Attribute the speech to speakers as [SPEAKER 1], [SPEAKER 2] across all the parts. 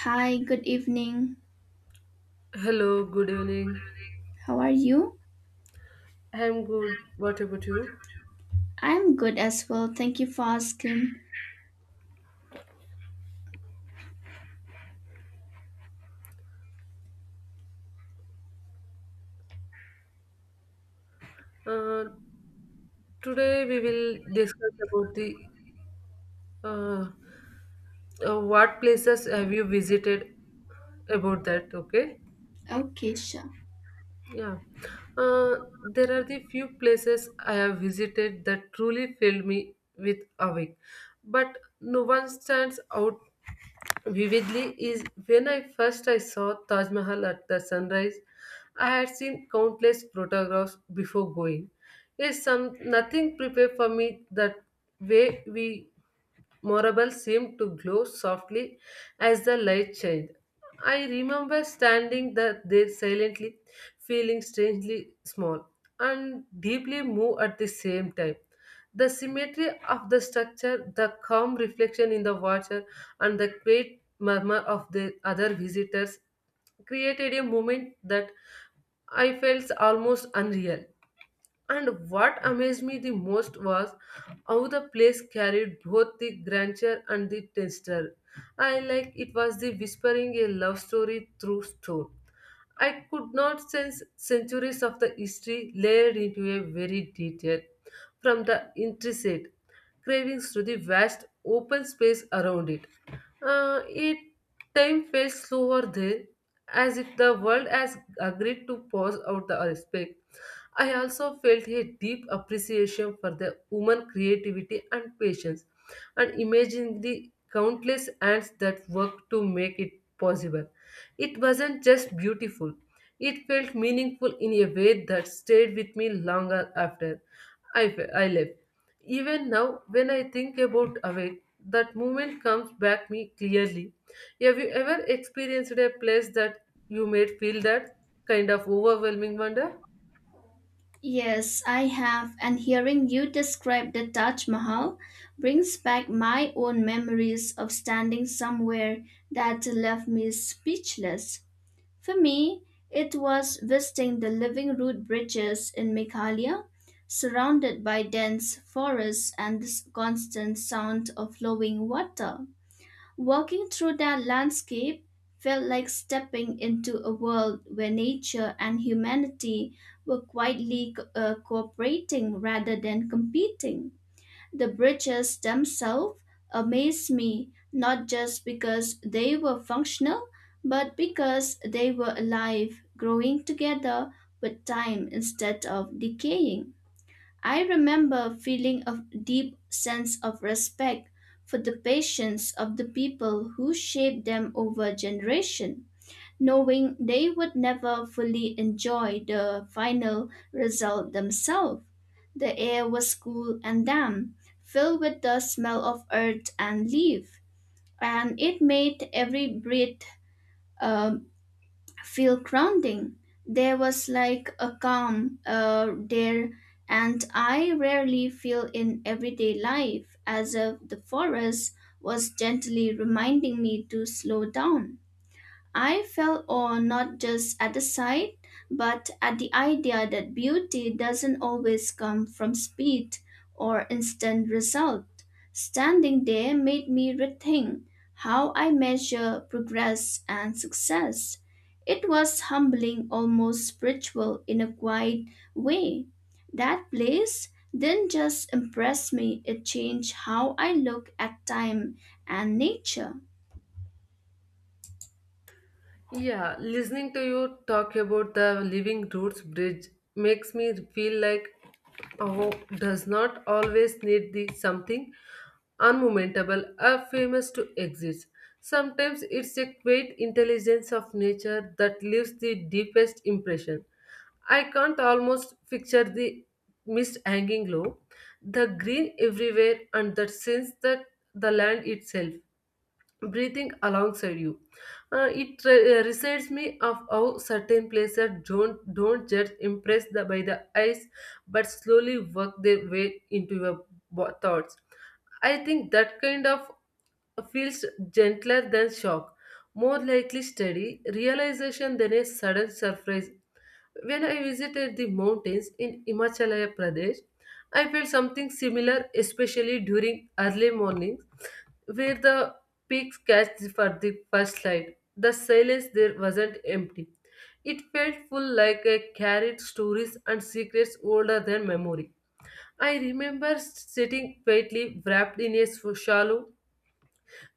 [SPEAKER 1] Hi, good evening.
[SPEAKER 2] Hello, good evening.
[SPEAKER 1] How are you?
[SPEAKER 2] I'm good. What about you?
[SPEAKER 1] I'm good as well. Thank you for asking.
[SPEAKER 2] Uh, Today we will discuss about the uh, what places have you visited about that, okay?
[SPEAKER 1] Okay, sure.
[SPEAKER 2] Yeah. Uh, there are the few places I have visited that truly filled me with awe, but no one stands out vividly is when I first I saw Taj Mahal at the sunrise. I had seen countless photographs before going. Yes, some nothing prepared for me that way we Morable seemed to glow softly as the light shined. I remember standing there silently, feeling strangely small and deeply moved at the same time. The symmetry of the structure, the calm reflection in the water, and the quiet murmur of the other visitors created a moment that I felt almost unreal. And what amazed me the most was how the place carried both the grandeur and the texture. I like it was the whispering a love story through stone. I could not sense centuries of the history layered into a very detail, from the intricate cravings to the vast open space around it. It time felt slower there, as if the world has agreed to pause out the respect. I also felt a deep appreciation for the woman creativity and patience, and imagining the countless hands that worked to make it possible. It wasn't just beautiful, it felt meaningful in a way that stayed with me longer after I left. Even now, when I think about Awake, that moment comes back me clearly. Have you ever experienced a place that you made feel that kind of overwhelming wonder?
[SPEAKER 1] Yes, I have, and hearing you describe the Taj Mahal brings back my own memories of standing somewhere that left me speechless. For me, it was visiting the living root bridges in Meghalaya, surrounded by dense forests and the constant sound of flowing water. Walking through that landscape felt like stepping into a world where nature and humanity were quietly cooperating rather than competing. The bridges themselves amazed me, not just because they were functional, but because they were alive, growing together with time instead of decaying. I remember feeling a deep sense of respect for the patience of the people who shaped them over generation, knowing they would never fully enjoy the final result themselves. The air was cool and damp, filled with the smell of earth and leaf, and it made every breath a feel grounding. There was like a calm there, and I rarely feel in everyday life, as if the forest was gently reminding me to slow down. I fell awe not just at the sight, but at the idea that beauty doesn't always come from speed or instant result. Standing there made me rethink how I measure progress and success. It was humbling, almost spiritual in a quiet way. That place didn't just impress me, it changed how I look at time and nature.
[SPEAKER 2] Yeah, listening to you talk about the Living Roots Bridge makes me feel like oh, does not always need the something unmomentable or famous to exist. Sometimes it's a quiet intelligence of nature that leaves the deepest impression. I can't almost picture the mist hanging low, the green everywhere, and the sense that the land itself breathing alongside you. It re- Reminds me of how certain places don't just impress the, by the eyes, but slowly work their way into your thoughts. I think that kind of feels gentler than shock, more likely steady realization than a sudden surprise. When I visited the mountains in Himachal Pradesh, I felt something similar, especially during early mornings where the pigs catch for the first slide. The silence there wasn't empty. It felt full like a carried stories and secrets older than memory. I remember sitting quietly wrapped in a shawl,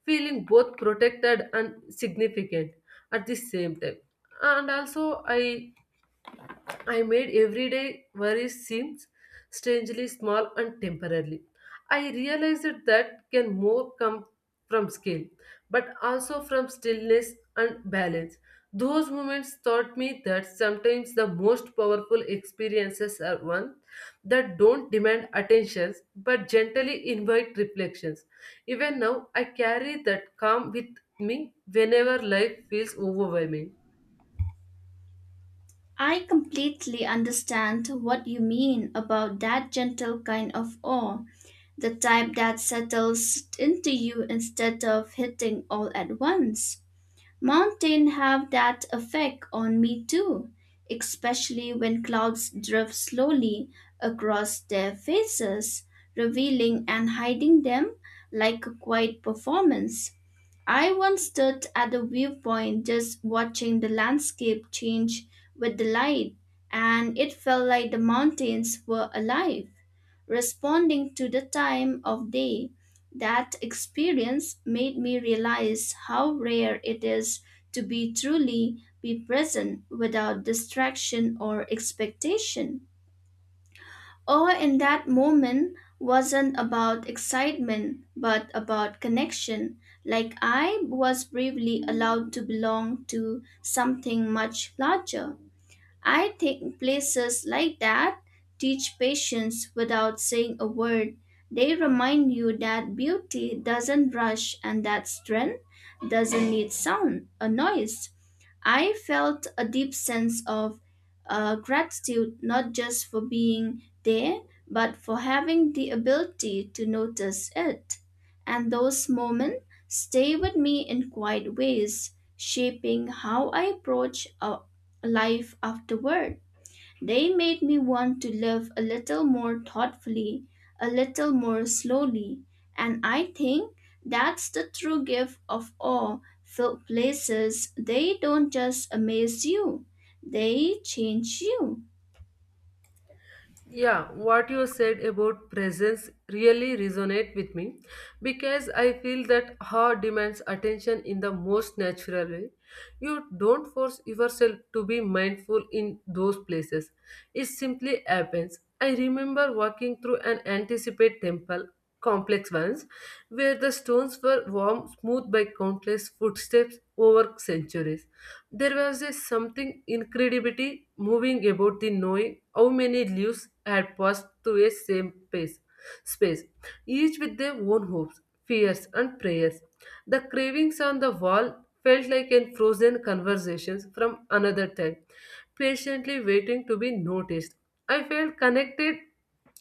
[SPEAKER 2] feeling both protected and significant at the same time. And also I made everyday worries seem strangely small and temporary. I realized that can more come from scale, but also from stillness and balance. Those moments taught me that sometimes the most powerful experiences are ones that don't demand attentions but gently invite reflections. Even now, I carry that calm with me whenever life feels overwhelming.
[SPEAKER 1] I completely understand what you mean about that gentle kind of awe, the type that settles into you instead of hitting all at once. Mountains have that effect on me too, especially when clouds drift slowly across their faces, revealing and hiding them like a quiet performance. I once stood at the viewpoint just watching the landscape change with the light, and it felt like the mountains were alive, responding to the time of day. That experience made me realize how rare it is to be truly be present without distraction or expectation. Awe in that moment wasn't about excitement, but about connection, like I was briefly allowed to belong to something much larger. I think places like that teach patience without saying a word. They remind you that beauty doesn't rush and that strength doesn't need sound or noise. I felt a deep sense of gratitude not just for being there, but for having the ability to notice it. And those moments stay with me in quiet ways, shaping how I approach life afterward. They made me want to live a little more thoughtfully, a little more slowly, and I think that's the true gift of all filled places. They don't just amaze you, they change you.
[SPEAKER 2] Yeah, what you said about presence really resonate with me because I feel that heart demands attention in the most natural way. You don't force yourself to be mindful in those places. It simply happens. I remember walking through an anticipate temple complex once where the stones were warm smooth by countless footsteps over centuries. There was a something incredibility moving about the knowing how many leaves had passed through a same space, each with their own hopes, fears, and prayers. The carvings on the wall felt like in frozen conversations from another time, patiently waiting to be noticed. I felt connected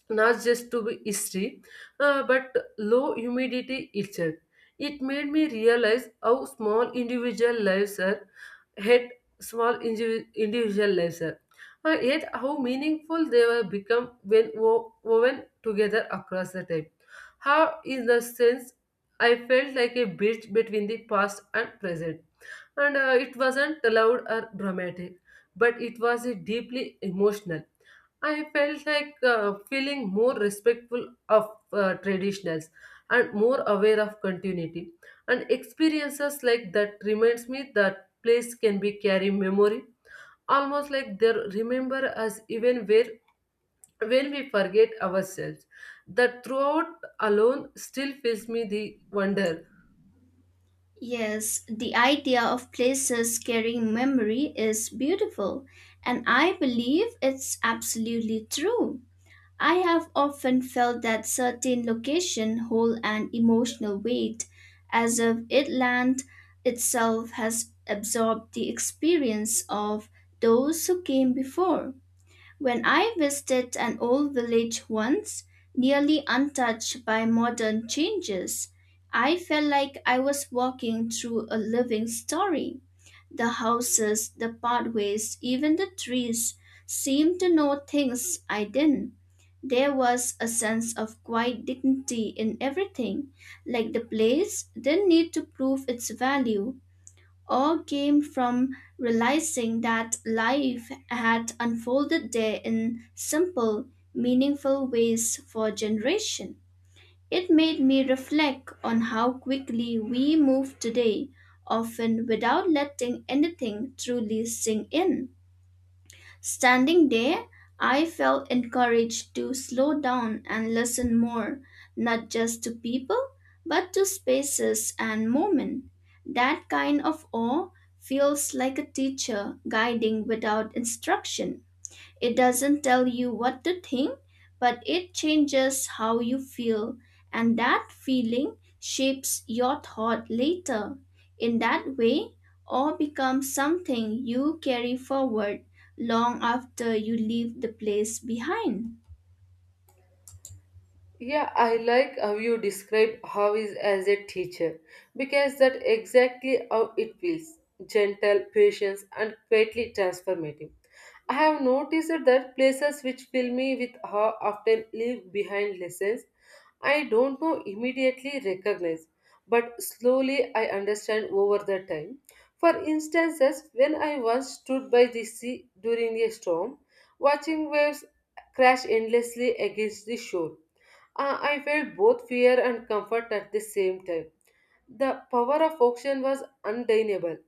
[SPEAKER 2] not just to be history, but low humidity itself. It made me realize how small individual lives are, had small individual lives are, yet how meaningful they were become when woven together across the time. How, in the sense, I felt like a bridge between the past and present, and it wasn't loud or dramatic, but it was deeply emotional. I felt like feeling more respectful of traditionals and more aware of continuity, and experiences like that reminds me that place can be carry memory almost like they remember us even where when we forget ourselves, that throughout alone still fills me the wonder.
[SPEAKER 1] Yes, the idea of places carrying memory is beautiful, and I believe it's absolutely true. I have often felt that certain location hold an emotional weight, as if it land itself has absorbed the experience of those who came before. When I visited an old village once, nearly untouched by modern changes, I felt like I was walking through a living story. The houses, the pathways, even the trees seemed to know things I didn't. There was a sense of quiet dignity in everything, like the place didn't need to prove its value. All came from realizing that life had unfolded there in simple, meaningful ways for generation. It made me reflect on how quickly we move today, often without letting anything truly sink in. Standing there, I felt encouraged to slow down and listen more, not just to people, but to spaces and moments. That kind of awe feels like a teacher guiding without instruction. It doesn't tell you what to think, but it changes how you feel, and that feeling shapes your thought later. In that way, all becomes something you carry forward long after you leave the place behind.
[SPEAKER 2] Yeah, I like how you describe how is as a teacher because that exactly how it feels gentle, patient, and quietly transformative. I have noticed that places which fill me with awe often leave behind lessons I don't know immediately recognize, but slowly I understand over the time. For instances, when I once stood by the sea during a storm, watching waves crash endlessly against the shore. I felt both fear and comfort at the same time. The power of auction was undeniable,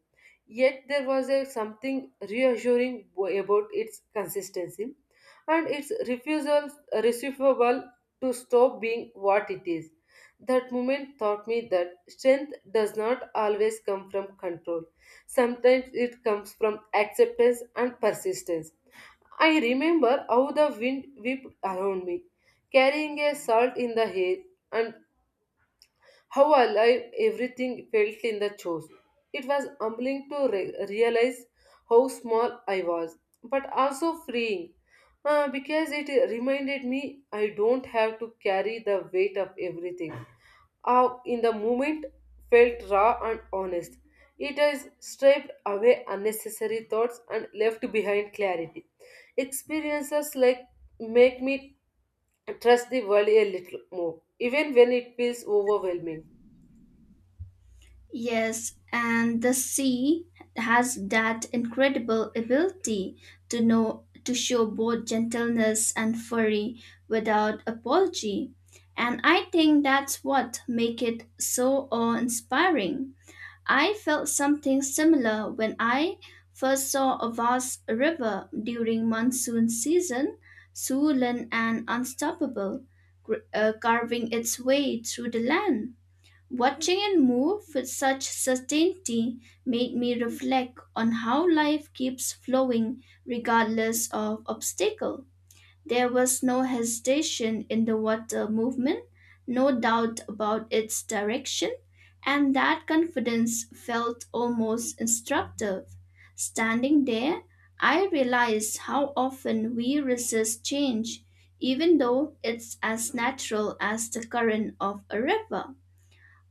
[SPEAKER 2] yet there was a something reassuring about its consistency and its refusal to stop being what it is. That moment taught me that strength does not always come from control. Sometimes it comes from acceptance and persistence. I remember how the wind whipped around me, carrying a salt in the hair, and how alive everything felt in the chest. It was humbling to realize how small I was, but also freeing because it reminded me I don't have to carry the weight of everything. How in the moment felt raw and honest. It has stripped away unnecessary thoughts and left behind clarity. Experiences like make me trust the world a little more, even when it feels overwhelming.
[SPEAKER 1] Yes, and the sea has that incredible ability to know to show both gentleness and fury without apology. And I think that's what make it so awe-inspiring. I felt something similar when I first saw a vast river during monsoon season, swollen and unstoppable, carving its way through the land. Watching it move with such certainty made me reflect on how life keeps flowing regardless of obstacle. There was no hesitation in the water movement, no doubt about its direction, and that confidence felt almost instructive. Standing there, I realized how often we resist change, even though it's as natural as the current of a river.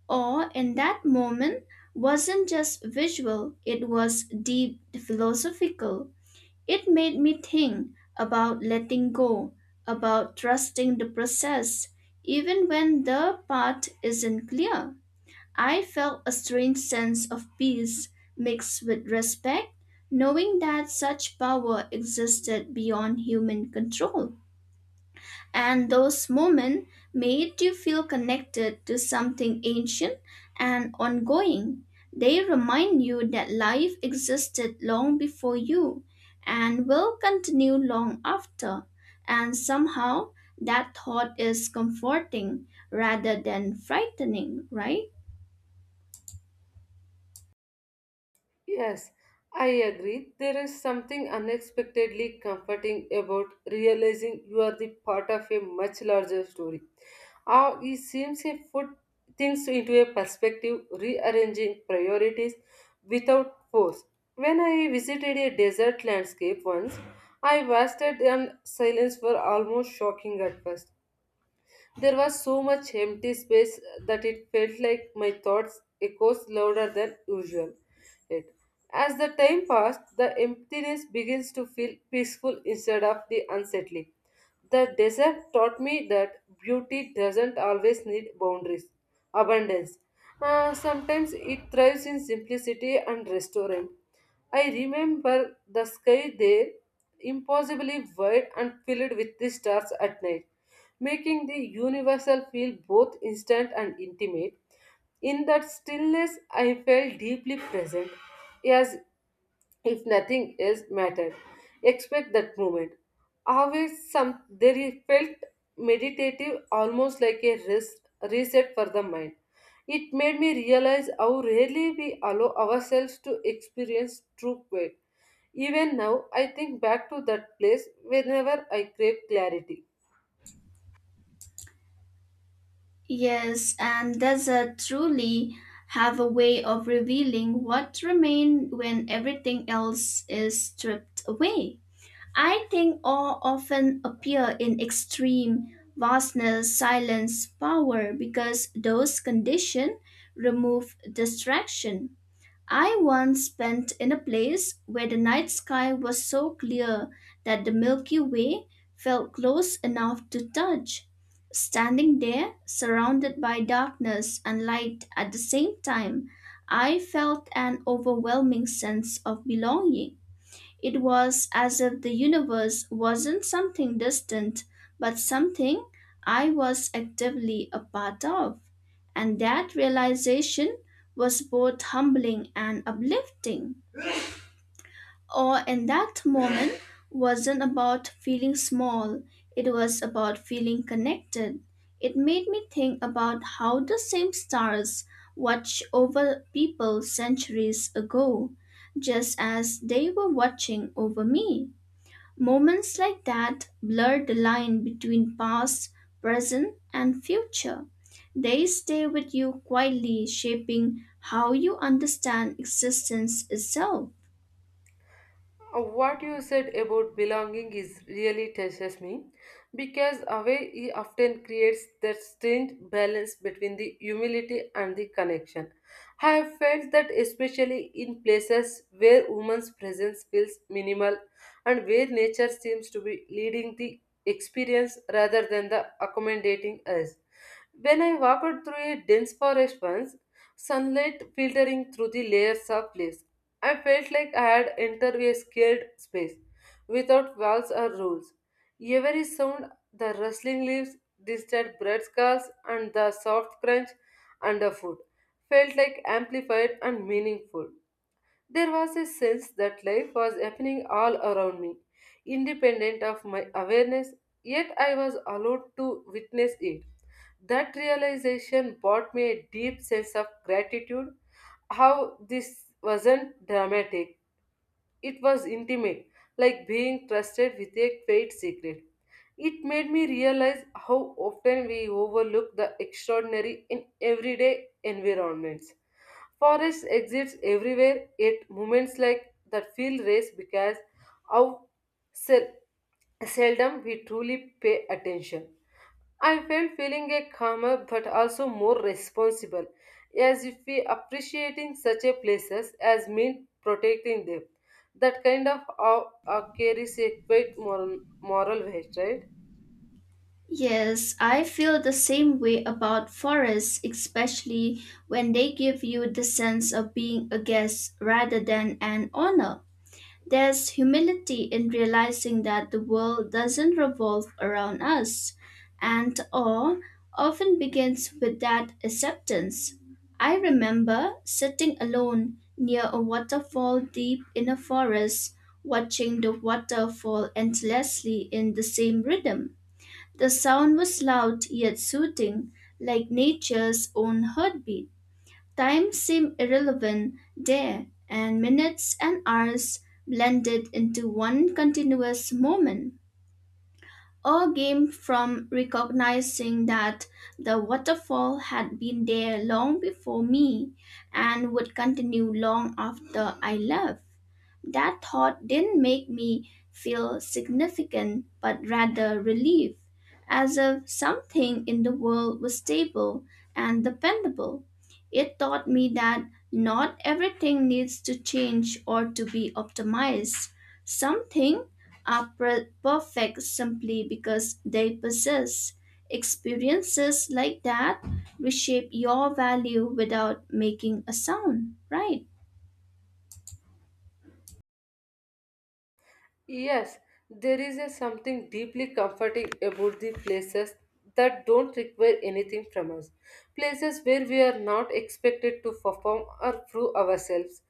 [SPEAKER 1] Awe in that moment wasn't just visual, it was deep philosophical. It made me think about letting go, about trusting the process, even when the path isn't clear. I felt a strange sense of peace mixed with respect, knowing that such power existed beyond human control and those moments made you feel connected to something ancient and ongoing. They remind you that life existed long before you and will continue long after, and somehow that thought is comforting rather than frightening, right?
[SPEAKER 2] Yes, I agree. There is something unexpectedly comforting about realizing you are the part of a much larger story. How it seems to put things into a perspective, rearranging priorities without force. When I visited a desert landscape once, I was at in silence for almost shocking at first. There was so much empty space that it felt like my thoughts echoes louder than usual. It. As the time passed, the emptiness begins to feel peaceful instead of the unsettling. The desert taught me that beauty doesn't always need boundaries. Abundance. Sometimes it thrives in simplicity and restraint. I remember the sky there, impossibly wide and filled with the stars at night, making the universal feel both instant and intimate. In that stillness, I felt deeply present, as if nothing else mattered. Expect that moment. Always some there it felt meditative, almost like a rest, reset for the mind. It made me realize how rarely we allow ourselves to experience true quiet. Even now, I think back to that place whenever I crave clarity.
[SPEAKER 1] Yes, and desert truly have a way of revealing what remain when everything else is stripped away. I think awe often appear in extreme vastness, silence, power because those conditions remove distraction. I once spent in a place where the night sky was so clear that the Milky Way felt close enough to touch. Standing there, surrounded by darkness and light at the same time, I felt an overwhelming sense of belonging. It was as if the universe wasn't something distant, but something I was actively a part of. And that realization was both humbling and uplifting. Or in that moment wasn't about feeling small, it was about feeling connected. It made me think about how the same stars watch over people centuries ago, just as they were watching over me. Moments like that blur the line between past, present, and future. They stay with you quietly, shaping how you understand existence itself.
[SPEAKER 2] What you said about belonging is really touches me because away he often creates that strange balance between the humility and the connection. I have felt that especially in places where woman's presence feels minimal and where nature seems to be leading the experience rather than the accommodating us. When I walked through a dense forest once, sunlight filtering through the layers of leaves, I felt like I had entered a scared space without walls or rules. Every sound, the rustling leaves, distant bird calls, and the soft crunch underfoot, felt like amplified and meaningful. There was a sense that life was happening all around me, independent of my awareness, yet I was allowed to witness it. That realization brought me a deep sense of gratitude, how this wasn't dramatic, it was intimate, like being trusted with a trade secret. It made me realize how often we overlook the extraordinary in everyday environments. Forest exists everywhere, yet moments like that feel race because how sel- seldom we truly pay attention. I felt feeling a calmer but also more responsible, as if we appreciating such a places as mean protecting them. That kind of awe carries a great moral weight, right?
[SPEAKER 1] Yes, I feel the same way about forests, especially when they give you the sense of being a guest rather than an owner. There's humility in realizing that the world doesn't revolve around us, and awe often begins with that acceptance. I remember sitting alone near a waterfall deep in a forest, watching the water fall endlessly in the same rhythm. The sound was loud yet soothing, like nature's own heartbeat. Time seemed irrelevant there, and minutes and hours blended into one continuous moment. All came from recognizing that the waterfall had been there long before me and would continue long after I left. That thought didn't make me feel significant, but rather relieved, as if something in the world was stable and dependable. It taught me that not everything needs to change or to be optimized. Some things are perfect simply because they possess. Experiences like that reshape your value without making a sound, right?
[SPEAKER 2] Yes, there is a something deeply comforting about the places that don't require anything from us. Places where we are not expected to perform or prove ourselves.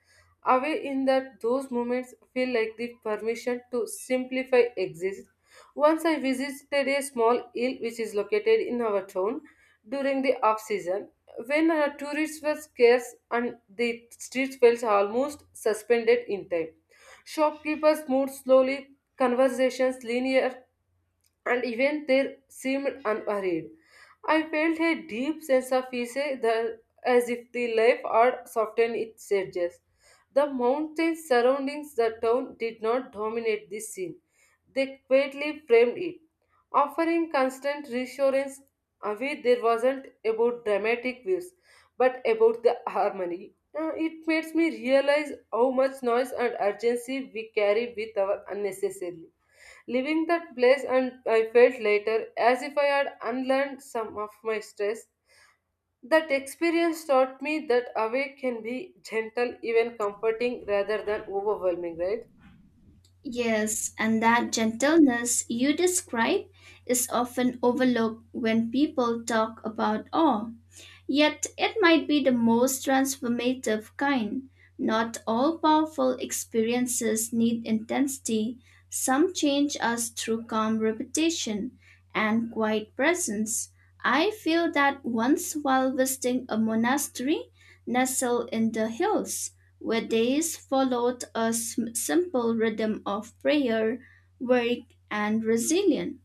[SPEAKER 2] Away in that those moments feel like the permission to simplify exist. Once I visited a small hill which is located in our town during the off season when tourists were scarce and the streets felt almost suspended in time. Shopkeepers moved slowly, conversations linear, and even they seemed unhurried. I felt a deep sense of peace eh, as if the life had softened its edges. The mountains surrounding the town did not dominate this scene. They quietly framed it, offering constant reassurance. Away there wasn't about dramatic views, but about the harmony. It makes me realize how much noise and urgency we carry with our unnecessarily. Leaving that place, and I felt later as if I had unlearned some of my stress. That experience taught me that awake can be gentle, even comforting, rather than overwhelming, right?
[SPEAKER 1] Yes, and that gentleness you describe is often overlooked when people talk about awe. Yet it might be the most transformative kind. Not all powerful experiences need intensity, some change us through calm repetition and quiet presence. I feel that once while visiting a monastery nestled in the hills, where days followed a simple rhythm of prayer, work, and resilience.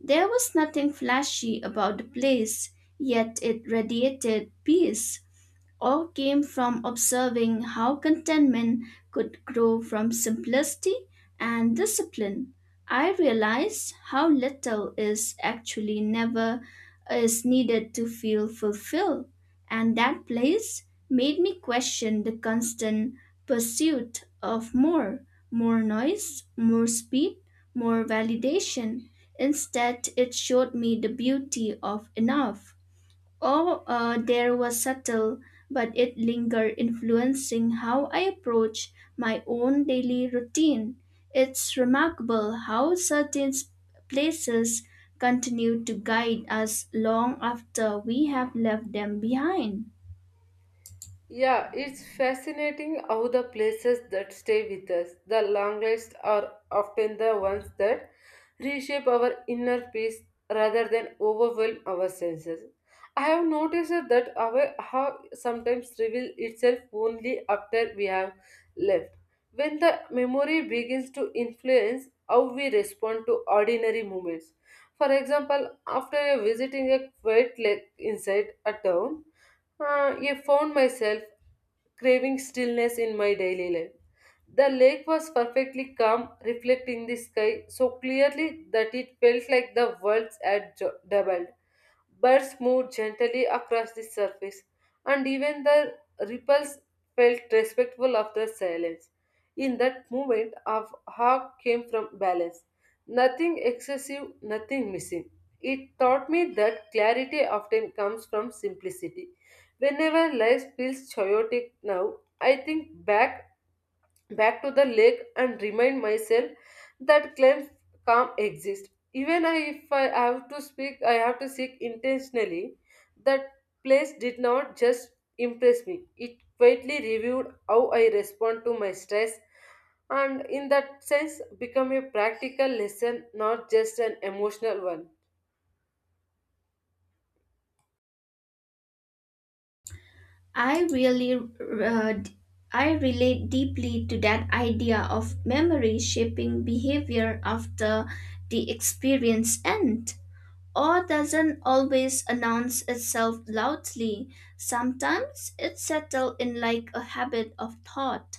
[SPEAKER 1] There was nothing flashy about the place, yet it radiated peace all came from observing how contentment could grow from simplicity and discipline. I realized how little is actually never is needed to feel fulfilled, and that place made me question the constant pursuit of more, more noise, more speed, more validation. Instead, it showed me the beauty of enough. Or There was subtle, but it lingered, influencing how I approach my own daily routine. It's remarkable how certain places continue to guide us long after we have left them behind.
[SPEAKER 2] Yeah, it's fascinating how the places that stay with us, the longest, are often the ones that reshape our inner peace rather than overwhelm our senses. I have noticed that our how sometimes reveal itself only after we have left. When the memory begins to influence how we respond to ordinary moments. For example, after visiting a quiet lake inside a town, I found myself craving stillness in my daily life. The lake was perfectly calm, reflecting the sky so clearly that it felt like the worlds had doubled. Birds moved gently across the surface, and even the ripples felt respectful of the silence. In that moment, our hawk came from balance. Nothing excessive, nothing missing. It taught me that clarity often comes from simplicity. Whenever life feels chaotic now, I think back to the lake and remind myself that claims calm exist. Even if I have to speak, I have to seek intentionally. That place did not just impress me. It quietly reviewed how I respond to my stress, and in that sense become a practical lesson, not just an emotional one.
[SPEAKER 1] I really, I relate deeply to that idea of memory shaping behavior after the experience ends. Or doesn't always announce itself loudly. Sometimes it's settled in like a habit of thought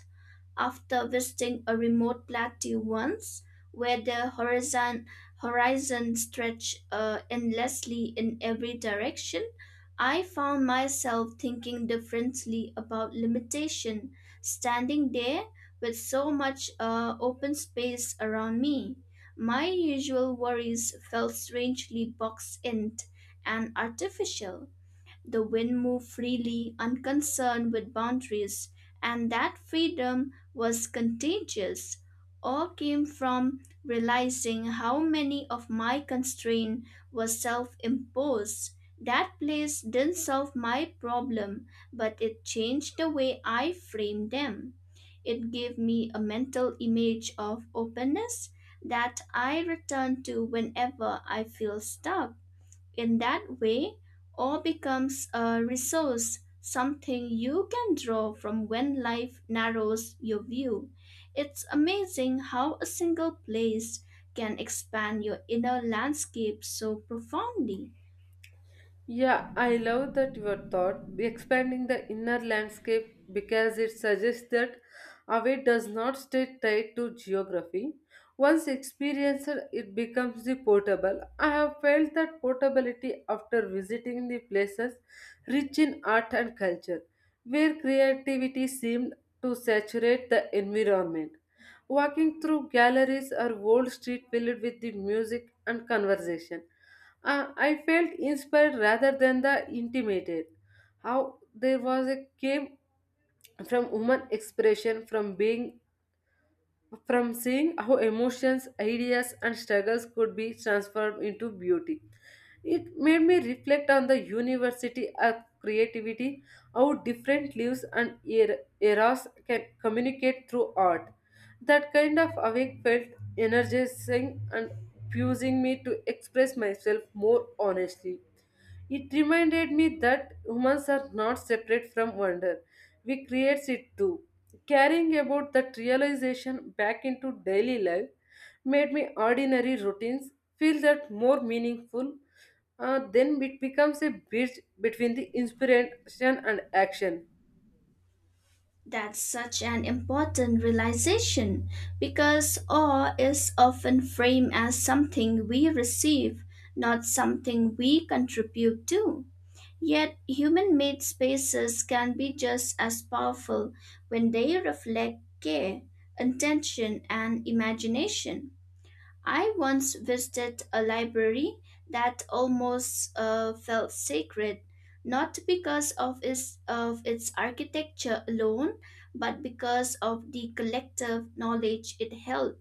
[SPEAKER 1] after visiting a remote plateau once where the horizon stretched endlessly in every direction, I found myself thinking differently about limitation, standing there with so much open space around me. My usual worries felt strangely boxed in and artificial. The wind moved freely, unconcerned with boundaries, and that freedom was contagious. All came from realizing how many of my constraint were self imposed. That place didn't solve my problem, but it changed the way I framed them. It gave me a mental image of openness that I return to whenever I feel stuck. In that way, all becomes a resource, something you can draw from when life narrows your view. It's amazing how a single place can expand your inner landscape so profoundly.
[SPEAKER 2] Yeah, I love that your thought expanding the inner landscape because it suggests that away does not stay tied to geography. Once experienced, it becomes the portable. I have felt that portability after visiting the places rich in art and culture, where creativity seemed to saturate the environment. Walking through galleries or old street filled with the music and conversation. I felt inspired rather than the intimated. How there was a came from human expression, from being, from seeing how emotions, ideas, and struggles could be transformed into beauty. It made me reflect on the university of creativity, how different lives and eras can communicate through art. That kind of awake felt energizing and fusing me to express myself more honestly. It reminded me that humans are not separate from wonder. We create it too. Caring about that realization back into daily life made me ordinary routines feel that more meaningful. Then it becomes a bridge between the inspiration and action.
[SPEAKER 1] That's such an important realization because awe is often framed as something we receive, not something we contribute to. Yet, human made spaces can be just as powerful when they reflect care, attention, and imagination. I once visited a library that almost felt sacred, not because of its architecture alone, but because of the collective knowledge it held.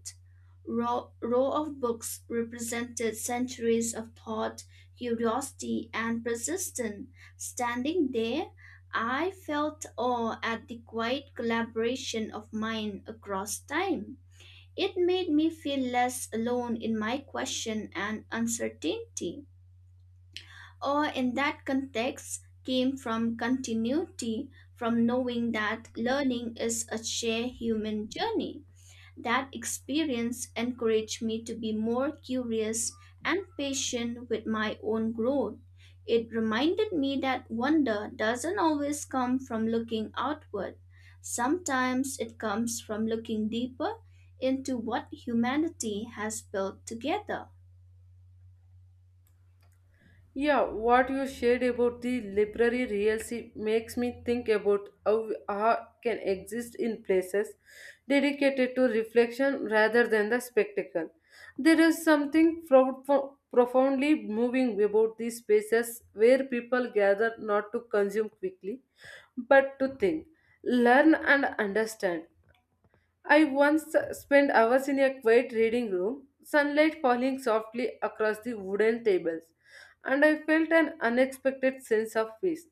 [SPEAKER 1] Row of books represented centuries of thought, curiosity, and persistence. Standing there, I felt awe at the quiet collaboration of mind across time. It made me feel less alone in my question and uncertainty. Or in that context came from continuity, from knowing that learning is a shared human journey. That experience encouraged me to be more curious and patient with my own growth. It reminded me that wonder doesn't always come from looking outward. Sometimes it comes from looking deeper into what humanity has built together.
[SPEAKER 2] Yeah, what you shared about the library realcy makes me think about how art can exist in places dedicated to reflection rather than the spectacle. There is something profoundly moving about these spaces where people gather not to consume quickly, but to think, learn, and understand. I once spent hours in a quiet reading room, sunlight falling softly across the wooden tables, and I felt an unexpected sense of peace.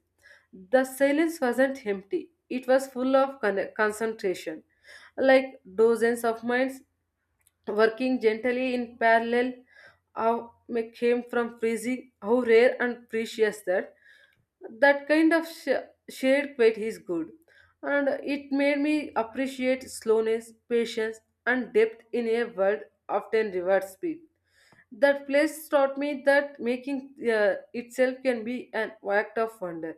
[SPEAKER 2] The silence wasn't empty, it was full of concentration, like dozens of minds working gently in parallel. How may came from freezing how rare and precious that kind of shared weight is good, and it made me appreciate slowness, patience, and depth in a world often rewards speed. That place taught me that making itself can be an act of wonder.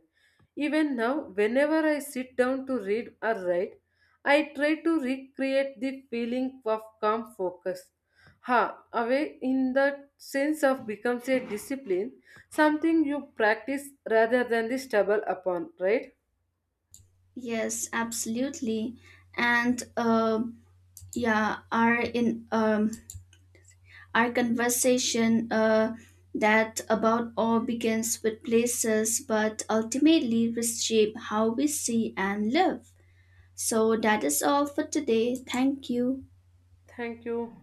[SPEAKER 2] Even now, whenever I sit down to read or write, I try to recreate the feeling of calm focus. Ha, away in that sense of becomes a discipline, something you practice rather than the stumble upon, right?
[SPEAKER 1] Yes, absolutely. And yeah, are in Our conversation that about all begins with places but ultimately reshape how we see and live. So that is all for today. Thank you.
[SPEAKER 2] Thank you.